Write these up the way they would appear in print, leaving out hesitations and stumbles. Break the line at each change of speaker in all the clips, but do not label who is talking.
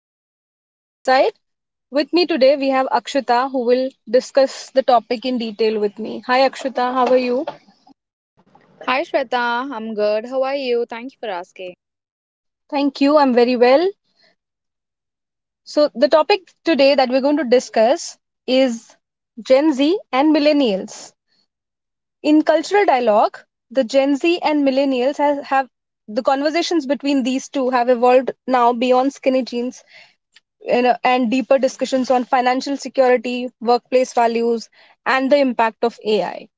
this is Shweta this side. With me today we have Akshita who will discuss the topic in detail with me. Hi Akshita, how are you?
Hi Shweta, I'm good. How are you? Thank you for asking.
Thank you, I'm very well. So, the topic today that we're going to discuss is Gen Z and millennials. In cultural dialogue, the Gen Z and millennials have the conversations between these two have evolved now beyond skinny jeans, and deeper discussions on financial security, workplace values, and the impact of AI.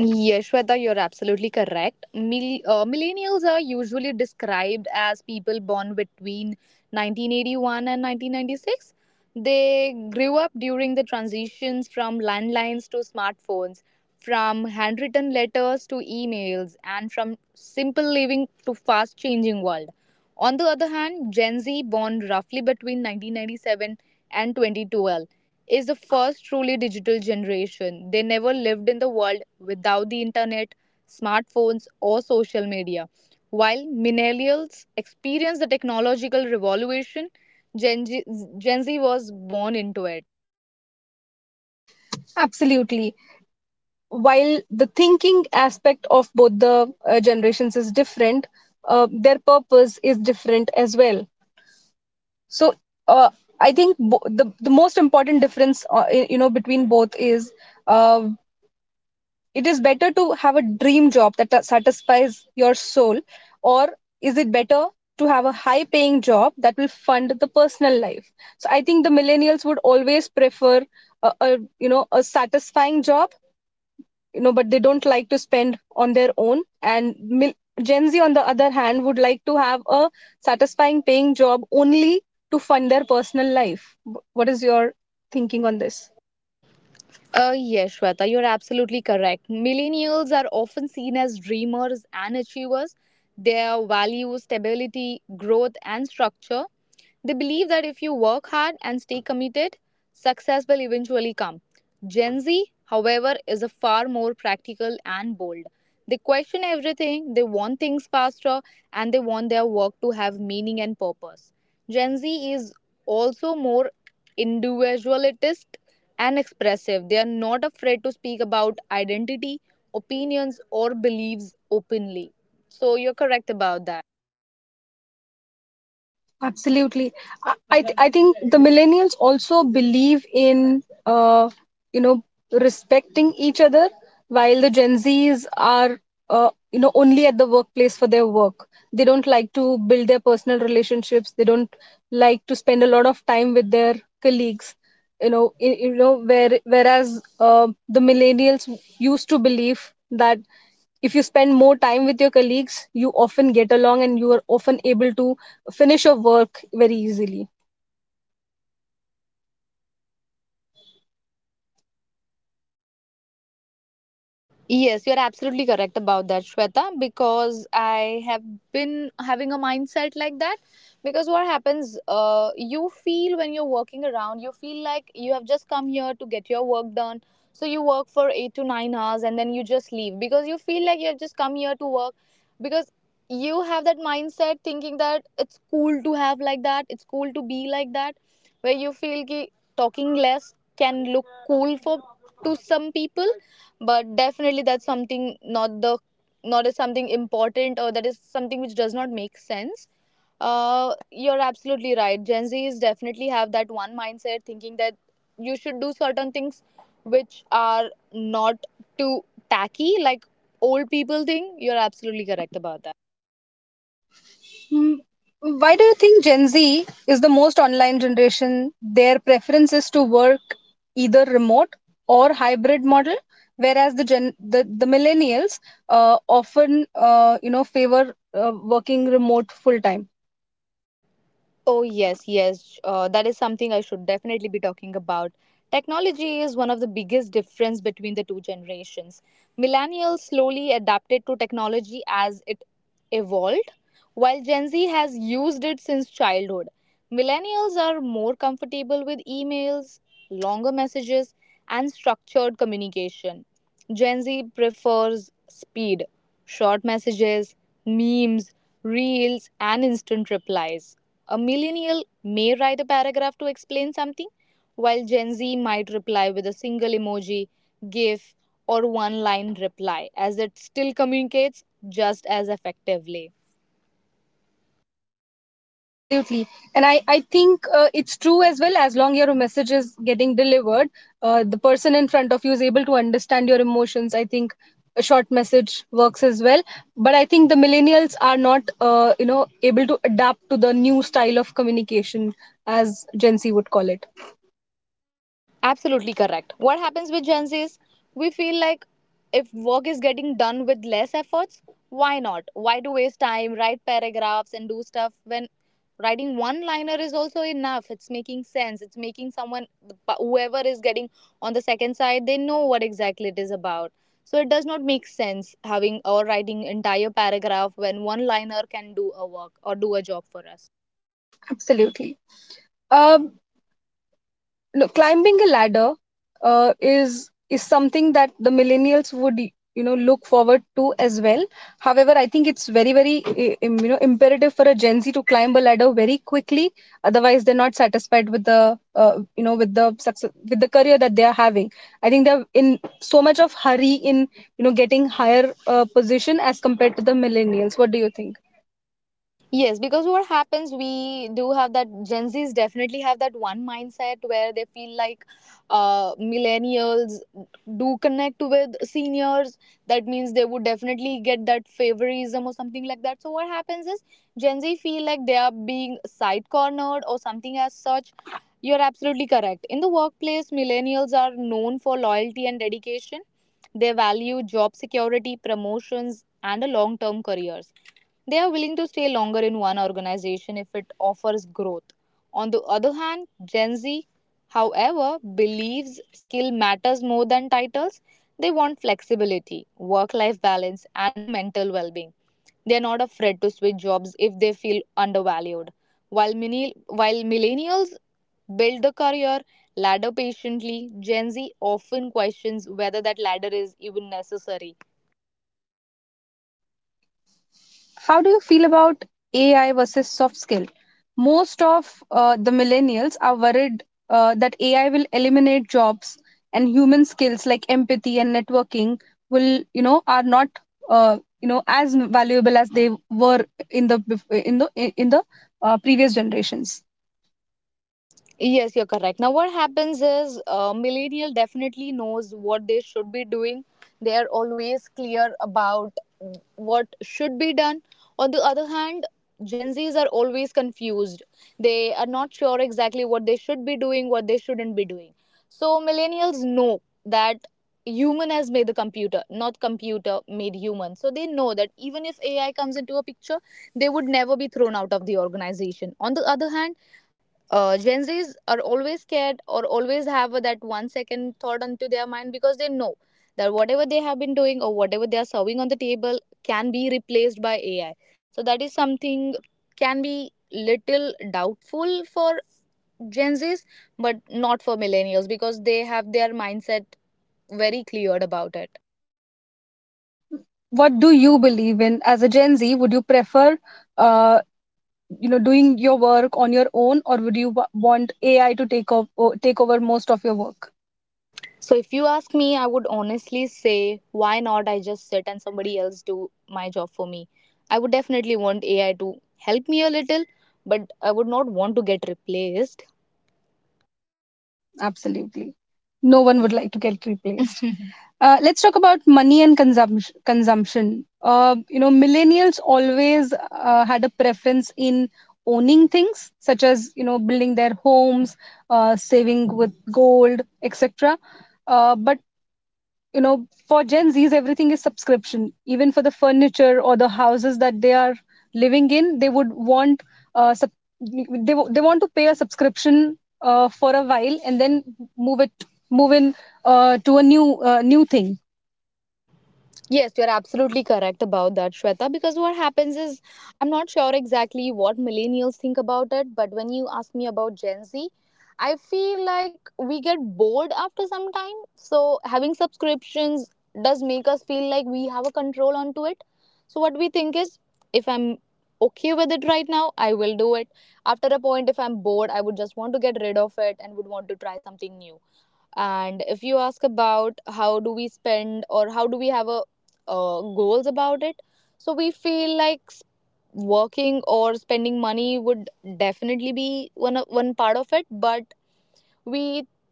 Yes, Shweta, you're absolutely correct. Millennials are usually described as people born between 1981 and 1996. They grew up during the transitions from landlines to smartphones, from handwritten letters to emails, and from simple living to fast changing world. On the other hand, Gen Z, born roughly between 1997 and 2012, is the first truly digital generation. They never lived in the world without the internet, smartphones, or social media. While millennials experienced the technological revolution, Gen Z, Gen Z was born into it.
Absolutely. While the thinking aspect of both the generations is different, their purpose is different as well. So uh, I think the most important difference, between both is, uh, it is better to have a dream job that satisfies your soul, or is it better to have a high paying job that will fund the personal life? So I think the millennials would always prefer a satisfying job, but they don't like to spend on their own. Gen Z on the other hand would like to have a satisfying paying job only to fund their personal life. What is your thinking on this?
Yes, Shweta, you're absolutely correct. Millennials are often seen as dreamers and achievers. Their values, stability, growth, and structure. They believe that if you work hard and stay committed, success will eventually come. Gen Z, however, is a far more practical and bold. They question everything, they want things faster, and they want their work to have meaning and purpose. Gen Z is also more individualist and expressive. They are not afraid to speak about identity, opinions, or beliefs openly. So, you're correct about that.
Absolutely. I think the millennials also believe in, you know, respecting each other, while the Gen Zs are, only at the workplace for their work. They don't like to build their personal relationships. They don't like to spend a lot of time with their colleagues. Whereas the millennials used to believe that if you spend more time with your colleagues, you often get along and you are often able to finish your work very easily.
Yes, you're absolutely correct about that, Shweta, because I have been having a mindset like that. Because what happens, you feel when you're working around, you feel like you have just come here to get your work done. So you work for 8 to 9 hours and then you just leave because you feel like you have just come here to work. Because you have that mindset thinking that it's cool to have like that, it's cool to be like that, where you feel ki talking less can look cool for to some people, but definitely that's something not the not as something important, or that is something which does not make sense. You're absolutely right, Gen Z's definitely have that one mindset thinking that you should do certain things which are not too tacky like old people think. You're absolutely correct about that.
Hmm. Why do you think Gen Z is the most online generation? Their preference is to work either remote or hybrid model, whereas the millennials often favor working remote full time.
Oh, yes, yes. That is something I should definitely be talking about. Technology is one of the biggest difference between the two generations. Millennials slowly adapted to technology as it evolved, while Gen Z has used it since childhood. Millennials are more comfortable with emails, longer messages, and structured communication. Gen Z prefers speed, short messages, memes, reels, and instant replies. A millennial may write a paragraph to explain something, while Gen Z might reply with a single emoji, GIF, or one line reply, as it still communicates just as effectively.
Absolutely. And I think it's true as well. As long your message is getting delivered, the person in front of you is able to understand your emotions. I think a short message works as well. But I think the millennials are not, able to adapt to the new style of communication, as Gen Z would call it.
Absolutely correct. What happens with Gen Z is we feel like if work is getting done with less efforts, why not? Why to waste time, write paragraphs, and do stuff when writing one liner is also enough? It's making sense. It's making someone, whoever is getting on the second side, they know what exactly it is about. So it does not make sense having or writing entire paragraph when one liner can do a work or do a job for us.
Absolutely. Uh, no, climbing a ladder is something that the millennials would, look forward to as well. However, I think it's very very imperative for a Gen Z to climb a ladder very quickly, otherwise they're not satisfied with the, with the success, with the career that they are having. I think they're in so much of hurry in, getting higher position as compared to the millennials. What do you think?
Yes, because what happens, we do have that Gen Zs definitely have that one mindset where they feel like millennials do connect with seniors. That means they would definitely get that favorism or something like that. So what happens is Gen Z feel like they are being side cornered or something as such. You're absolutely correct. In the workplace, millennials are known for loyalty and dedication. They value job security, promotions, and a long term careers. They are willing to stay longer in one organization if it offers growth. On the other hand, Gen Z, however, believes skill matters more than titles. They want flexibility, work life balance, and a mental well being. They are not afraid to switch jobs if they feel undervalued. While millennials build the career ladder patiently, Gen Z often questions whether that ladder is even necessary.
How do you feel about AI versus soft skill? Most of the millennials are worried that AI will eliminate jobs, and human skills like empathy and networking will, are not, as valuable as they were in the bef- in the previous generations.
Yes, you're correct. Now, what happens is millennial definitely knows what they should be doing. They are always clear about what should be done. On the other hand, Gen Zs are always confused. They are not sure exactly what they should be doing, what they shouldn't be doing. So millennials know that human has made the computer, not computer made human. So they know that even if AI comes into a picture, they would never be thrown out of the organization. On the other hand, Gen Zs are always scared or always have that one second thought onto their mind, because they know that whatever they have been doing or whatever they are serving on the table can be replaced by AI. So that is something can be little doubtful for Gen Zs, but not for millennials because they have their mindset very cleared about it.
What do you believe in as a Gen Z? Would you prefer, uh, doing your work on your own, or would you want AI to take over most of your work?
So if you ask me, I would honestly say, why not I just sit and somebody else do my job for me? I would definitely want AI to help me a little, but I would not want to get replaced.
Absolutely. No one would like to get replaced. Let's talk about money and consumption. Consumption. Millennials always had a preference in owning things, such as, building their homes, saving with gold, etc. But, for Gen Z's, everything is subscription. Even for the furniture or the houses that they are living in, they would want, uh, sub- they want to pay a subscription for a while and then move it move in to a new thing.
Yes, you're absolutely correct about that, Shweta, because what happens is I'm not sure exactly what millennials think about it, but when you ask me about Gen Z, I feel like we get bored after some time. So having subscriptions does make us feel like we have a control onto it. So what we think is if I'm okay with it right now, I will do it. After a point, if I'm bored, I would just want to get rid of it and would want to try something new. And if you ask about how do we spend or how do we have a goals about it, so we feel like working or spending money would definitely be one of- one part of it, but we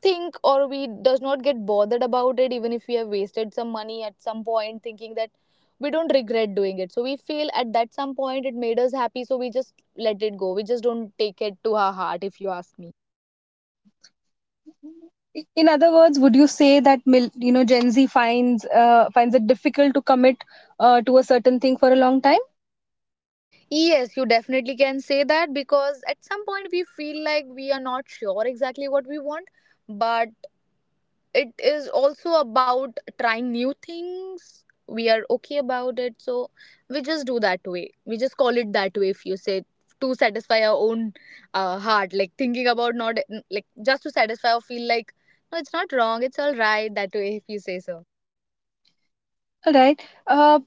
think or we does not get bothered about it even if we have wasted some money at some point, thinking that we don't regret doing it. So we feel at that some point it made us happy, so we just let it go. We just don't take it to our heart, if you ask me.
In other words, would you say that Gen Z finds, finds it difficult to commit to a certain thing for a long time?
Yes, you definitely can say that, because at some point we feel like we are not sure exactly what we want, but it is also about trying new things. We are okay about it, so we just do that way. We just call it that way, if you say, to satisfy our own heart, like thinking about not like just to satisfy or feel like no, it's not wrong, it's all right that way, if you say so.
All right. uh,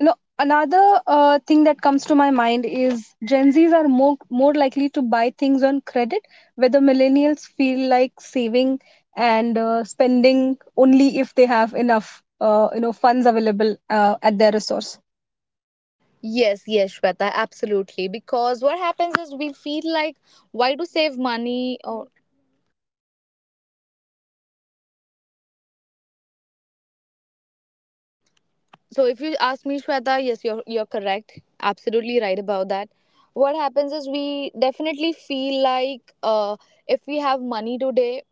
you know Another thing that comes to my mind is Gen Z's are more likely to buy things on credit, where the millennials feel like saving and spending only if they have enough funds available at their resource.
Yes, yes, Shweta, absolutely. Because what happens is we feel like why to save money or. So if you ask me, Shweta, yes, you're correct. Absolutely right about that. What happens is we definitely feel like if we have money today,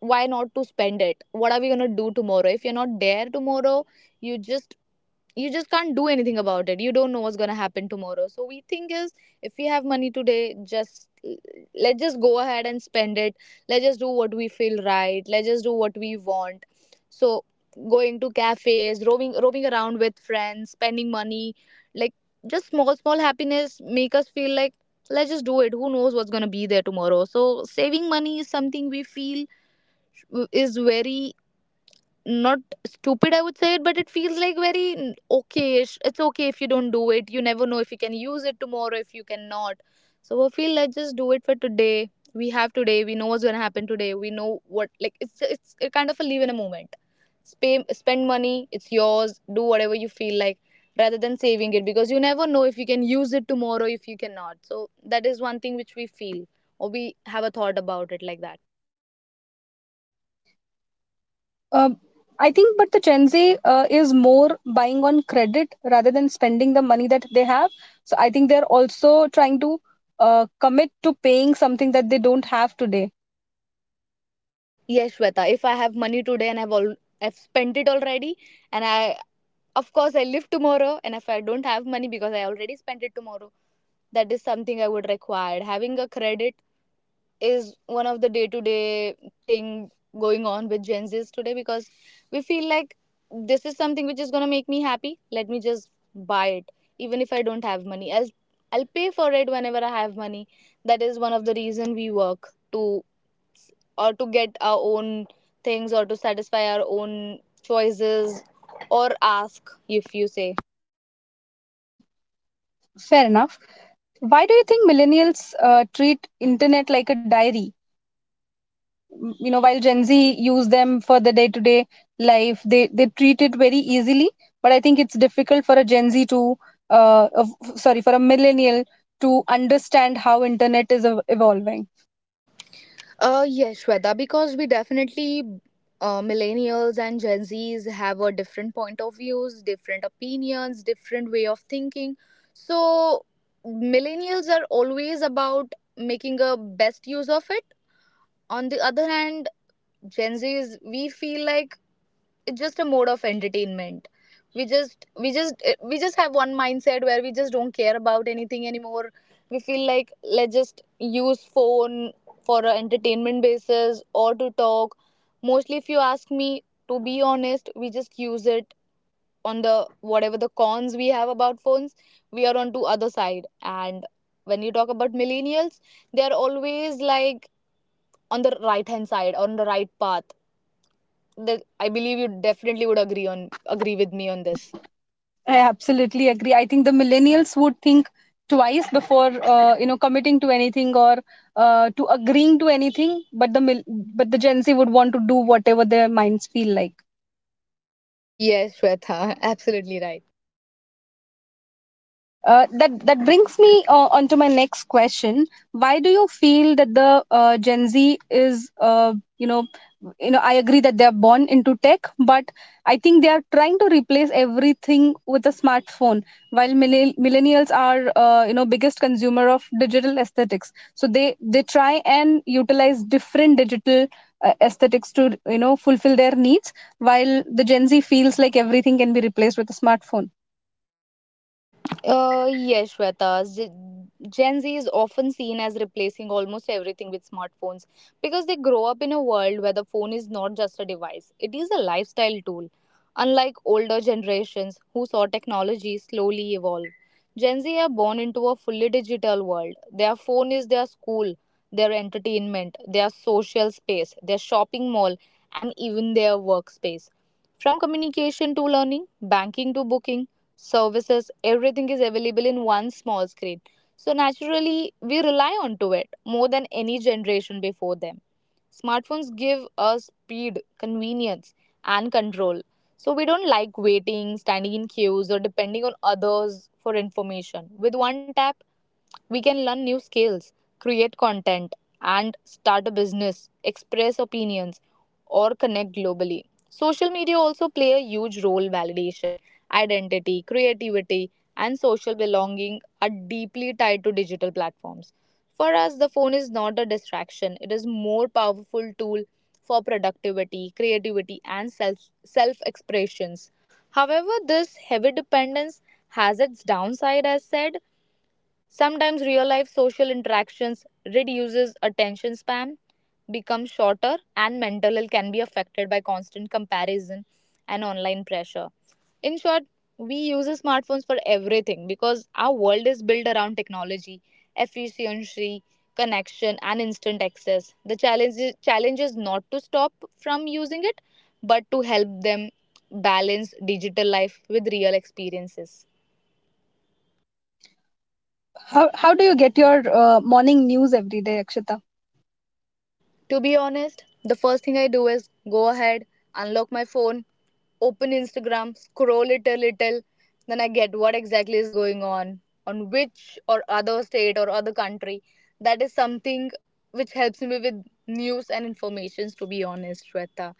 why not to spend it? What are we gonna do tomorrow? If you're not there tomorrow, you just you just can't do anything about it. You don't know what's going to happen tomorrow, so we think is if we have money today, just let's just go ahead and spend it. Let's just do what we feel right, let's just do what we want. So going to cafes, roaming around with friends, spending money, like just small small happiness make us feel like let's just do it. Who knows what's going to be there tomorrow? So saving money is something we feel is very not stupid, I would say it, but it feels like very okay-ish. It's okay if you don't do it, you never know if you can use it tomorrow if you cannot. So I feel like just do it for today. We have today, we know what's going to happen today, we know what, like it's a kind of a live in a moment. Spend money, it's yours, do whatever you feel like, rather than saving it, because you never know if you can use it tomorrow if you cannot. So that is one thing which we feel or we have a thought about it like that.
um, I think, but the Gen Z is more buying on credit rather than spending the money that they have. So I think they're also trying to commit to paying something that they don't have today.
Yes, Shweta. If I have money today and I've spent it already, and I of course I live tomorrow, and if I don't have money because I already spent it tomorrow, that is something I would require. Having a credit is one of the day to day thing going on with Gen Z's today, because we feel like this is something which is gonna make me happy. Let me just buy it, even if I don't have money. I'll pay for it whenever I have money. That is one of the reason we work to or to get our own things or to satisfy our own choices or ask if you say.
Fair enough. Why do you think millennials treat internet like a diary? You know, while Gen Z use them for the day-to-day life, they treat it very easily. But I think it's difficult for a Gen Z to, uh, of, for a millennial to understand how internet is evolving.
Yes, Shweta, because we definitely, millennials and Gen Zs have a different point of views, different opinions, different way of thinking. So, millennials are always about making a best use of it. On the other hand, Gen Zs, we feel like it's just a mode of entertainment, we just have one mindset where we just don't care about anything anymore. We feel like let's just use phone for a entertainment basis or to talk. Mostly if you ask me, to be honest, we just use it on the, whatever the cons we have about phones, we are on to other side. And when you talk about millennials, they are always like on the right hand side, on the right path. The I believe you definitely would agree with me on this.
I absolutely agree. I think the millennials would think twice before committing to anything or to agreeing to anything. But the Gen Z would want to do whatever their minds feel like.
Yes, Shweta, absolutely right.
That brings me on to my next question. Why do you feel that the Gen Z is, I agree that they are born into tech, but I think they are trying to replace everything with a smartphone, while millennials are, biggest consumer of digital aesthetics. So they try and utilize different digital aesthetics to, fulfill their needs, while the Gen Z feels like everything can be replaced with a smartphone.
Yes, Shweta. Gen Z is often seen as replacing almost everything with smartphones because they grow up in a world where the phone is not just a device, it is a lifestyle tool. Unlike older generations who saw technology slowly evolve, Gen Z are born into a fully digital world. Their phone is their school, their entertainment, their social space, their shopping mall, and even their workspace. From communication to learning, banking to booking, services, everything is available in one small screen. So naturally, we rely onto it more than any generation before them. Smartphones give us speed, convenience, and control. So we don't like waiting, standing in queues, or depending on others for information. With one tap, we can learn new skills, create content, and start a business, express opinions, or connect globally. Social media also play a huge role. Validation, identity, creativity, and social belonging are deeply tied to digital platforms. For us, the phone is not a distraction. It is more powerful tool for productivity, creativity, and self expressions. However, this heavy dependence has its downside. As said, sometimes real life social interactions reduces, attention span becomes shorter, and mental health can be affected by constant comparison and online pressure. In short, we use smartphones for everything because our world is built around technology, efficiency, connection, and instant access. The challenge is not to stop from using it, but to help them balance digital life with real experiences.
How do you get your morning news every day, Akshita?
To be honest, the first thing I do is go ahead, unlock my phone, open Instagram, scroll it a little, then I get what exactly is going on which or other state or other country. That is something which helps me with news and informations, to be honest, Shweta.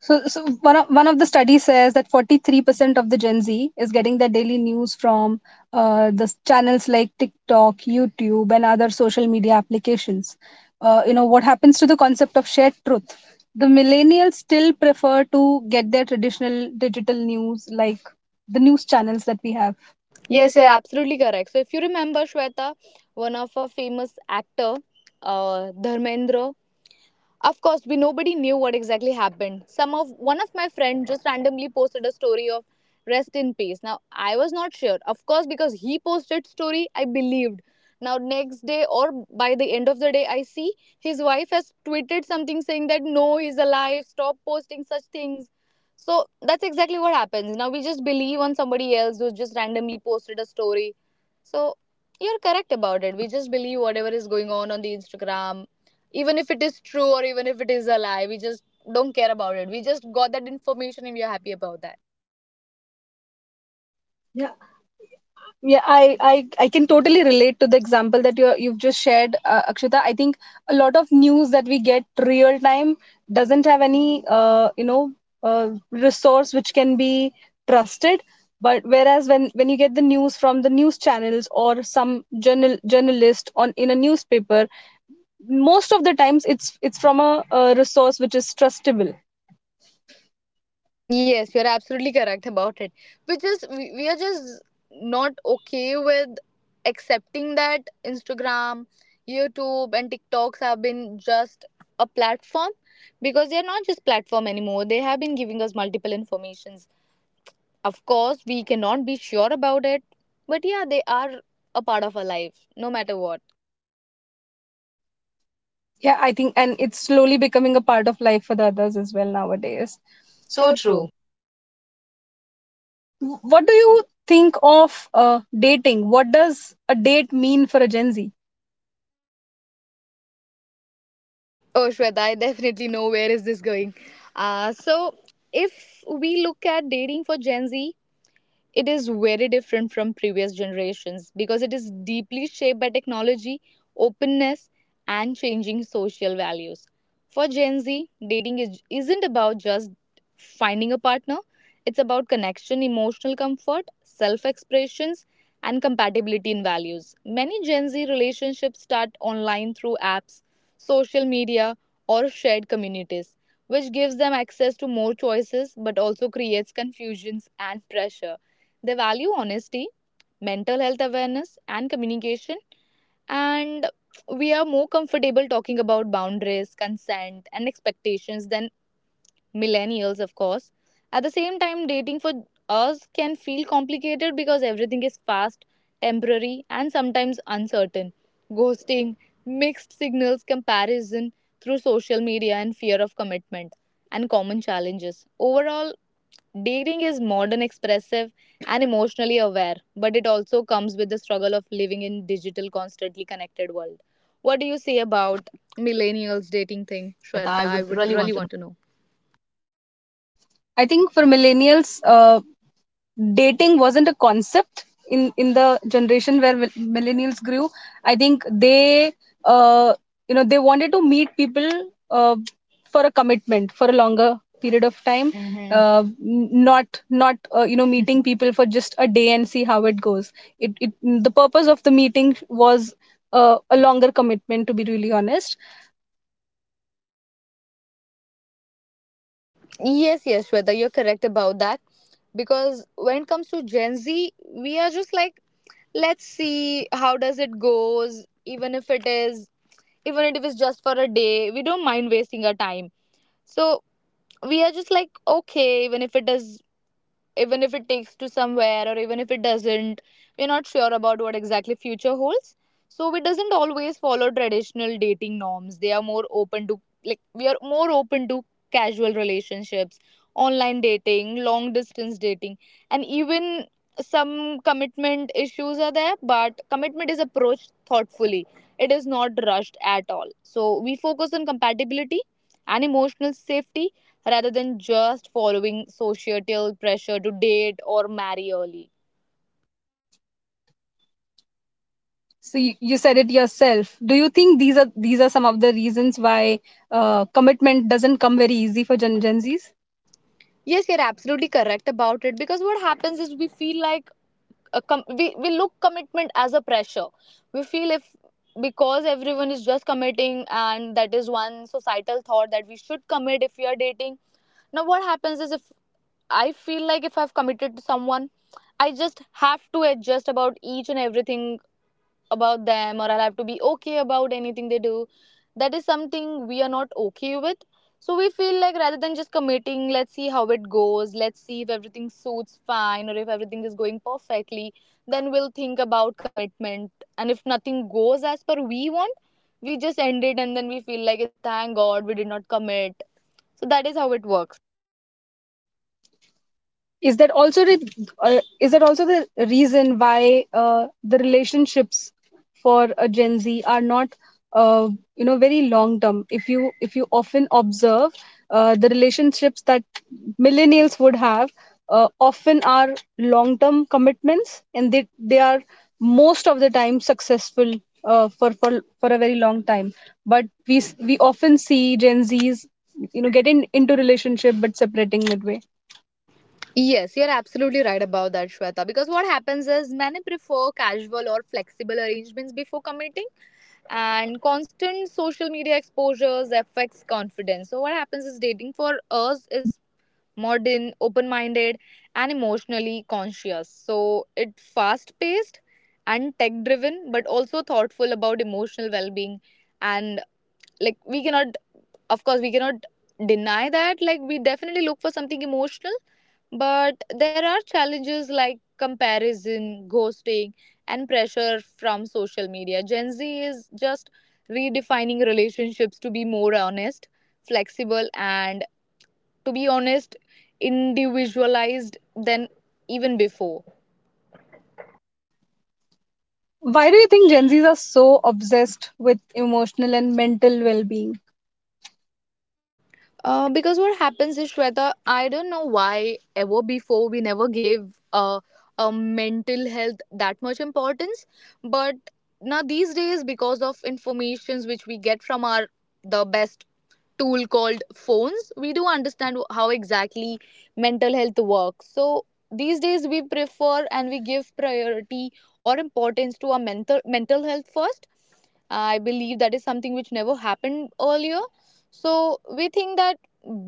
So, one of the studies says that 43% of the Gen Z is getting their daily news from the channels like TikTok, YouTube, and other social media applications. You know, what happens to the concept of shared truth? The millennials still prefer to get their traditional digital news like the news channels that we have. Yes,
Yes, you're
yeah.
absolutely correct. So if you remember, Shweta, one of our famous actor, Dharmendra. Of course, we nobody knew what exactly happened. Some of One of my friend just randomly posted a story of rest in peace. Now I was not sure. Of course, because he posted story, I believed. Now next day or by the end of the day, I see his wife has tweeted something saying that no, he's alive. Stop posting such things. So that's exactly what happens. Now we just believe on somebody else who just randomly posted a story. So you're correct about it. We just believe whatever is going on the Instagram, even if it is true or even if it is a lie. We just don't care about it. We just got that information and we are happy about that.
Yeah. Yeah, I can totally relate to the example that you you've just shared, Akshita. I think a lot of news that we get real time doesn't have any resource which can be trusted. But whereas when you get the news from the news channels or some journalist on in a newspaper, most of the times it's from a resource which is trustable.
Yes, you're absolutely correct about it. We are just not okay with accepting that Instagram, YouTube and TikToks have been just a platform, because they are not just platform anymore. They have been giving us multiple informations. Of course we cannot be sure about it, but yeah, they are a part of our life no matter what.
Yeah, I think, and it's slowly becoming a part of life for the others as well nowadays. So
So true.
true. What do you think of dating? What does a date mean for a Gen Z?
Oh, Shweta, I definitely know where is this going. So, if we look at dating for Gen Z, it is very different from previous generations because it is deeply shaped by technology, openness, and changing social values. For Gen Z, isn't about just finding a partner, it's about connection, emotional comfort, self expressions, and compatibility in values. Many Gen Z relationships start online through apps, social media, or shared communities, which gives them access to more choices but also creates confusions and pressure. They value honesty, mental health awareness, and communication. And we are more comfortable talking about boundaries, consent, and expectations than millennials, of course. At the same time, dating for us can feel complicated because everything is fast, temporary, and sometimes uncertain. Ghosting, mixed signals, comparison through social media, and fear of commitment, and common challenges. Overall, dating is modern, expressive, and emotionally aware, but it also comes with the struggle of living in digital, constantly connected world. What do you say about millennials dating thing,
Shweta,
Shweta?
I
I would
would really
really
want
want
to.
to know.
I think for millennials, dating wasn't a concept in the generation where millennials grew. I think they, uh, they wanted to meet people uh, for a commitment for a longer period of time. Hmm. Not meeting people for just a day and see how it goes. It The purpose of the meeting was, a longer commitment, to be really honest.
Yes, yes, Shweta, you're correct about that. Because when it comes to Gen Z, we are just like, let's see how does it goes. Even if it's just for a day, we don't mind wasting our time. So we are just like, okay, even if it is, even if it takes to somewhere or even if it doesn't, we're not sure about what exactly future holds. So it doesn't always follow traditional dating norms. They are more open to Like, we are more open to casual relationships, online dating, long distance dating, and even some commitment issues are there. But commitment is approached thoughtfully, it is not rushed at all. So we focus on compatibility and emotional safety rather than just following societal pressure to date or marry early.
So you said it yourself. Do you think these are some of the reasons why commitment doesn't come very easy for Gen Zs?
Yes, you're absolutely correct about it. Because what happens is we feel like we look commitment as a pressure. We feel if, because everyone is just committing and that is one societal thought that we should commit if we are dating. Now what happens is, if I feel like if I've committed to someone, I just have to adjust about each and everything about them, or I'll have to be okay about anything they do. That is something we are not okay with. So we feel like rather than just committing, let's see how it goes, let's see if everything suits fine or if everything is going perfectly, then we'll think about commitment. And if nothing goes as per we want, we just end it and then we feel like thank God we did not commit. So that is how it works.
Is that also the is that also the reason why the relationships for a Gen Z are not, uh, very long term? If you, if you often observe the relationships that millennials would have often are long term commitments, and they are most of the time successful for a very long time. But we often see Gen Z's, get into relationship but separating midway.
Yes, you're absolutely right about that, Shweta. Because what happens is many prefer casual or flexible arrangements before committing, and constant social media exposures affects confidence. So, what happens is dating for us is modern, open minded, and emotionally conscious. So, it fast paced and tech driven, but also thoughtful about emotional well being. And like, we cannot of course we cannot deny that, like, we definitely look for something emotional, but there are challenges like comparison, ghosting, and pressure from social media. Gen Z is just redefining relationships to be more honest, flexible, and to be honest, individualized than even before.
Why do you think Gen Zs are so obsessed with emotional and mental well being?
Because what happens is, Shweta, I don't know why ever before we never gave a mental health that much importance, but now these days because of informations which we get from our the best tool called phones, we do understand how exactly mental health works. So these days we prefer and we give priority or importance to our mental health first. I believe that is something which never happened earlier. So we think that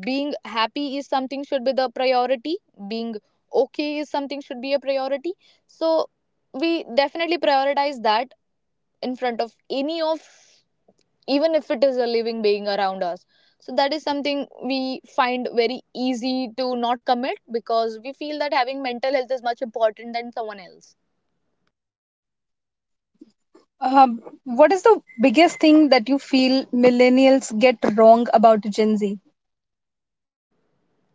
being happy is something should be the priority, being okay is something should be a priority. So we definitely prioritize that in front of any of, even if it is a living being around us. So that is something we find very easy to not commit because we feel that having mental health is much important than someone else.
What is the biggest thing that you feel millennials get wrong about Gen Z?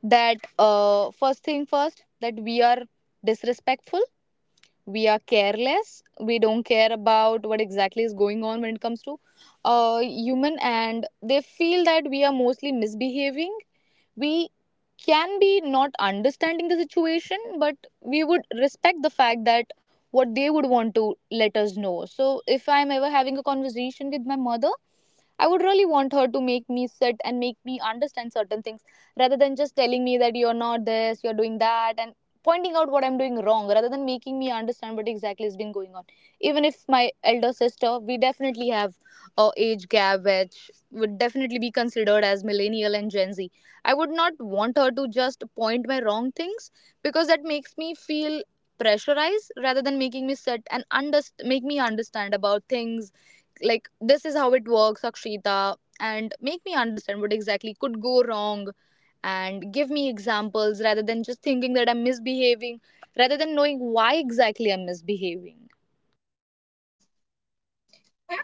That, first thing first, that we are disrespectful, we are careless, we don't care about what exactly is going on when it comes to human, and they feel that we are mostly misbehaving. We can be not understanding the situation, but we would respect the fact that what they would want to let us know. So if I'm ever having a conversation with my mother, I would really want her to make me sit and make me understand certain things, rather than just telling me that you're not this, you're doing that, and pointing out what I'm doing wrong, rather than making me understand what exactly has been going on. Even if my elder sister, we definitely have a age gap which would definitely be considered as millennial and Gen Z, I would not want her to just point my wrong things, because that makes me feel pressurized rather than making me sit and make me understand about things, like this is how it works, Akshita, and make me understand what exactly could go wrong and give me examples, rather than just thinking that I'm misbehaving, rather than knowing why exactly I'm misbehaving.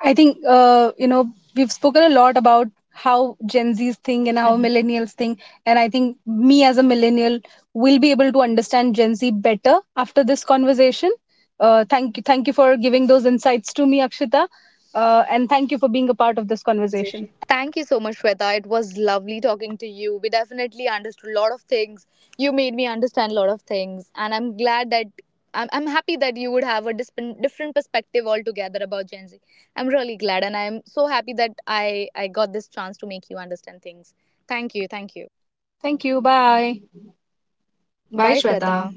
I think, we've spoken a lot about how Gen Zs think and how Mhm. millennials think. And I think me as a millennial will be able to understand Gen Z better after this conversation. Thank you. Thank you for giving those insights to me, Akshita. And thank you for being a part of this conversation.
Thank you so much, Shweta. It was lovely talking to you. We definitely understood a lot of things. You made me understand a lot of things, and I'm glad that I'm happy that you would have a different perspective altogether about Gen Z. I'm really glad, and I'm so happy that I got this chance to make you understand things. Thank you,
Thank
thank
you.
you.
Thank you. Bye. Bye
Bye,
Shweta
Shweta.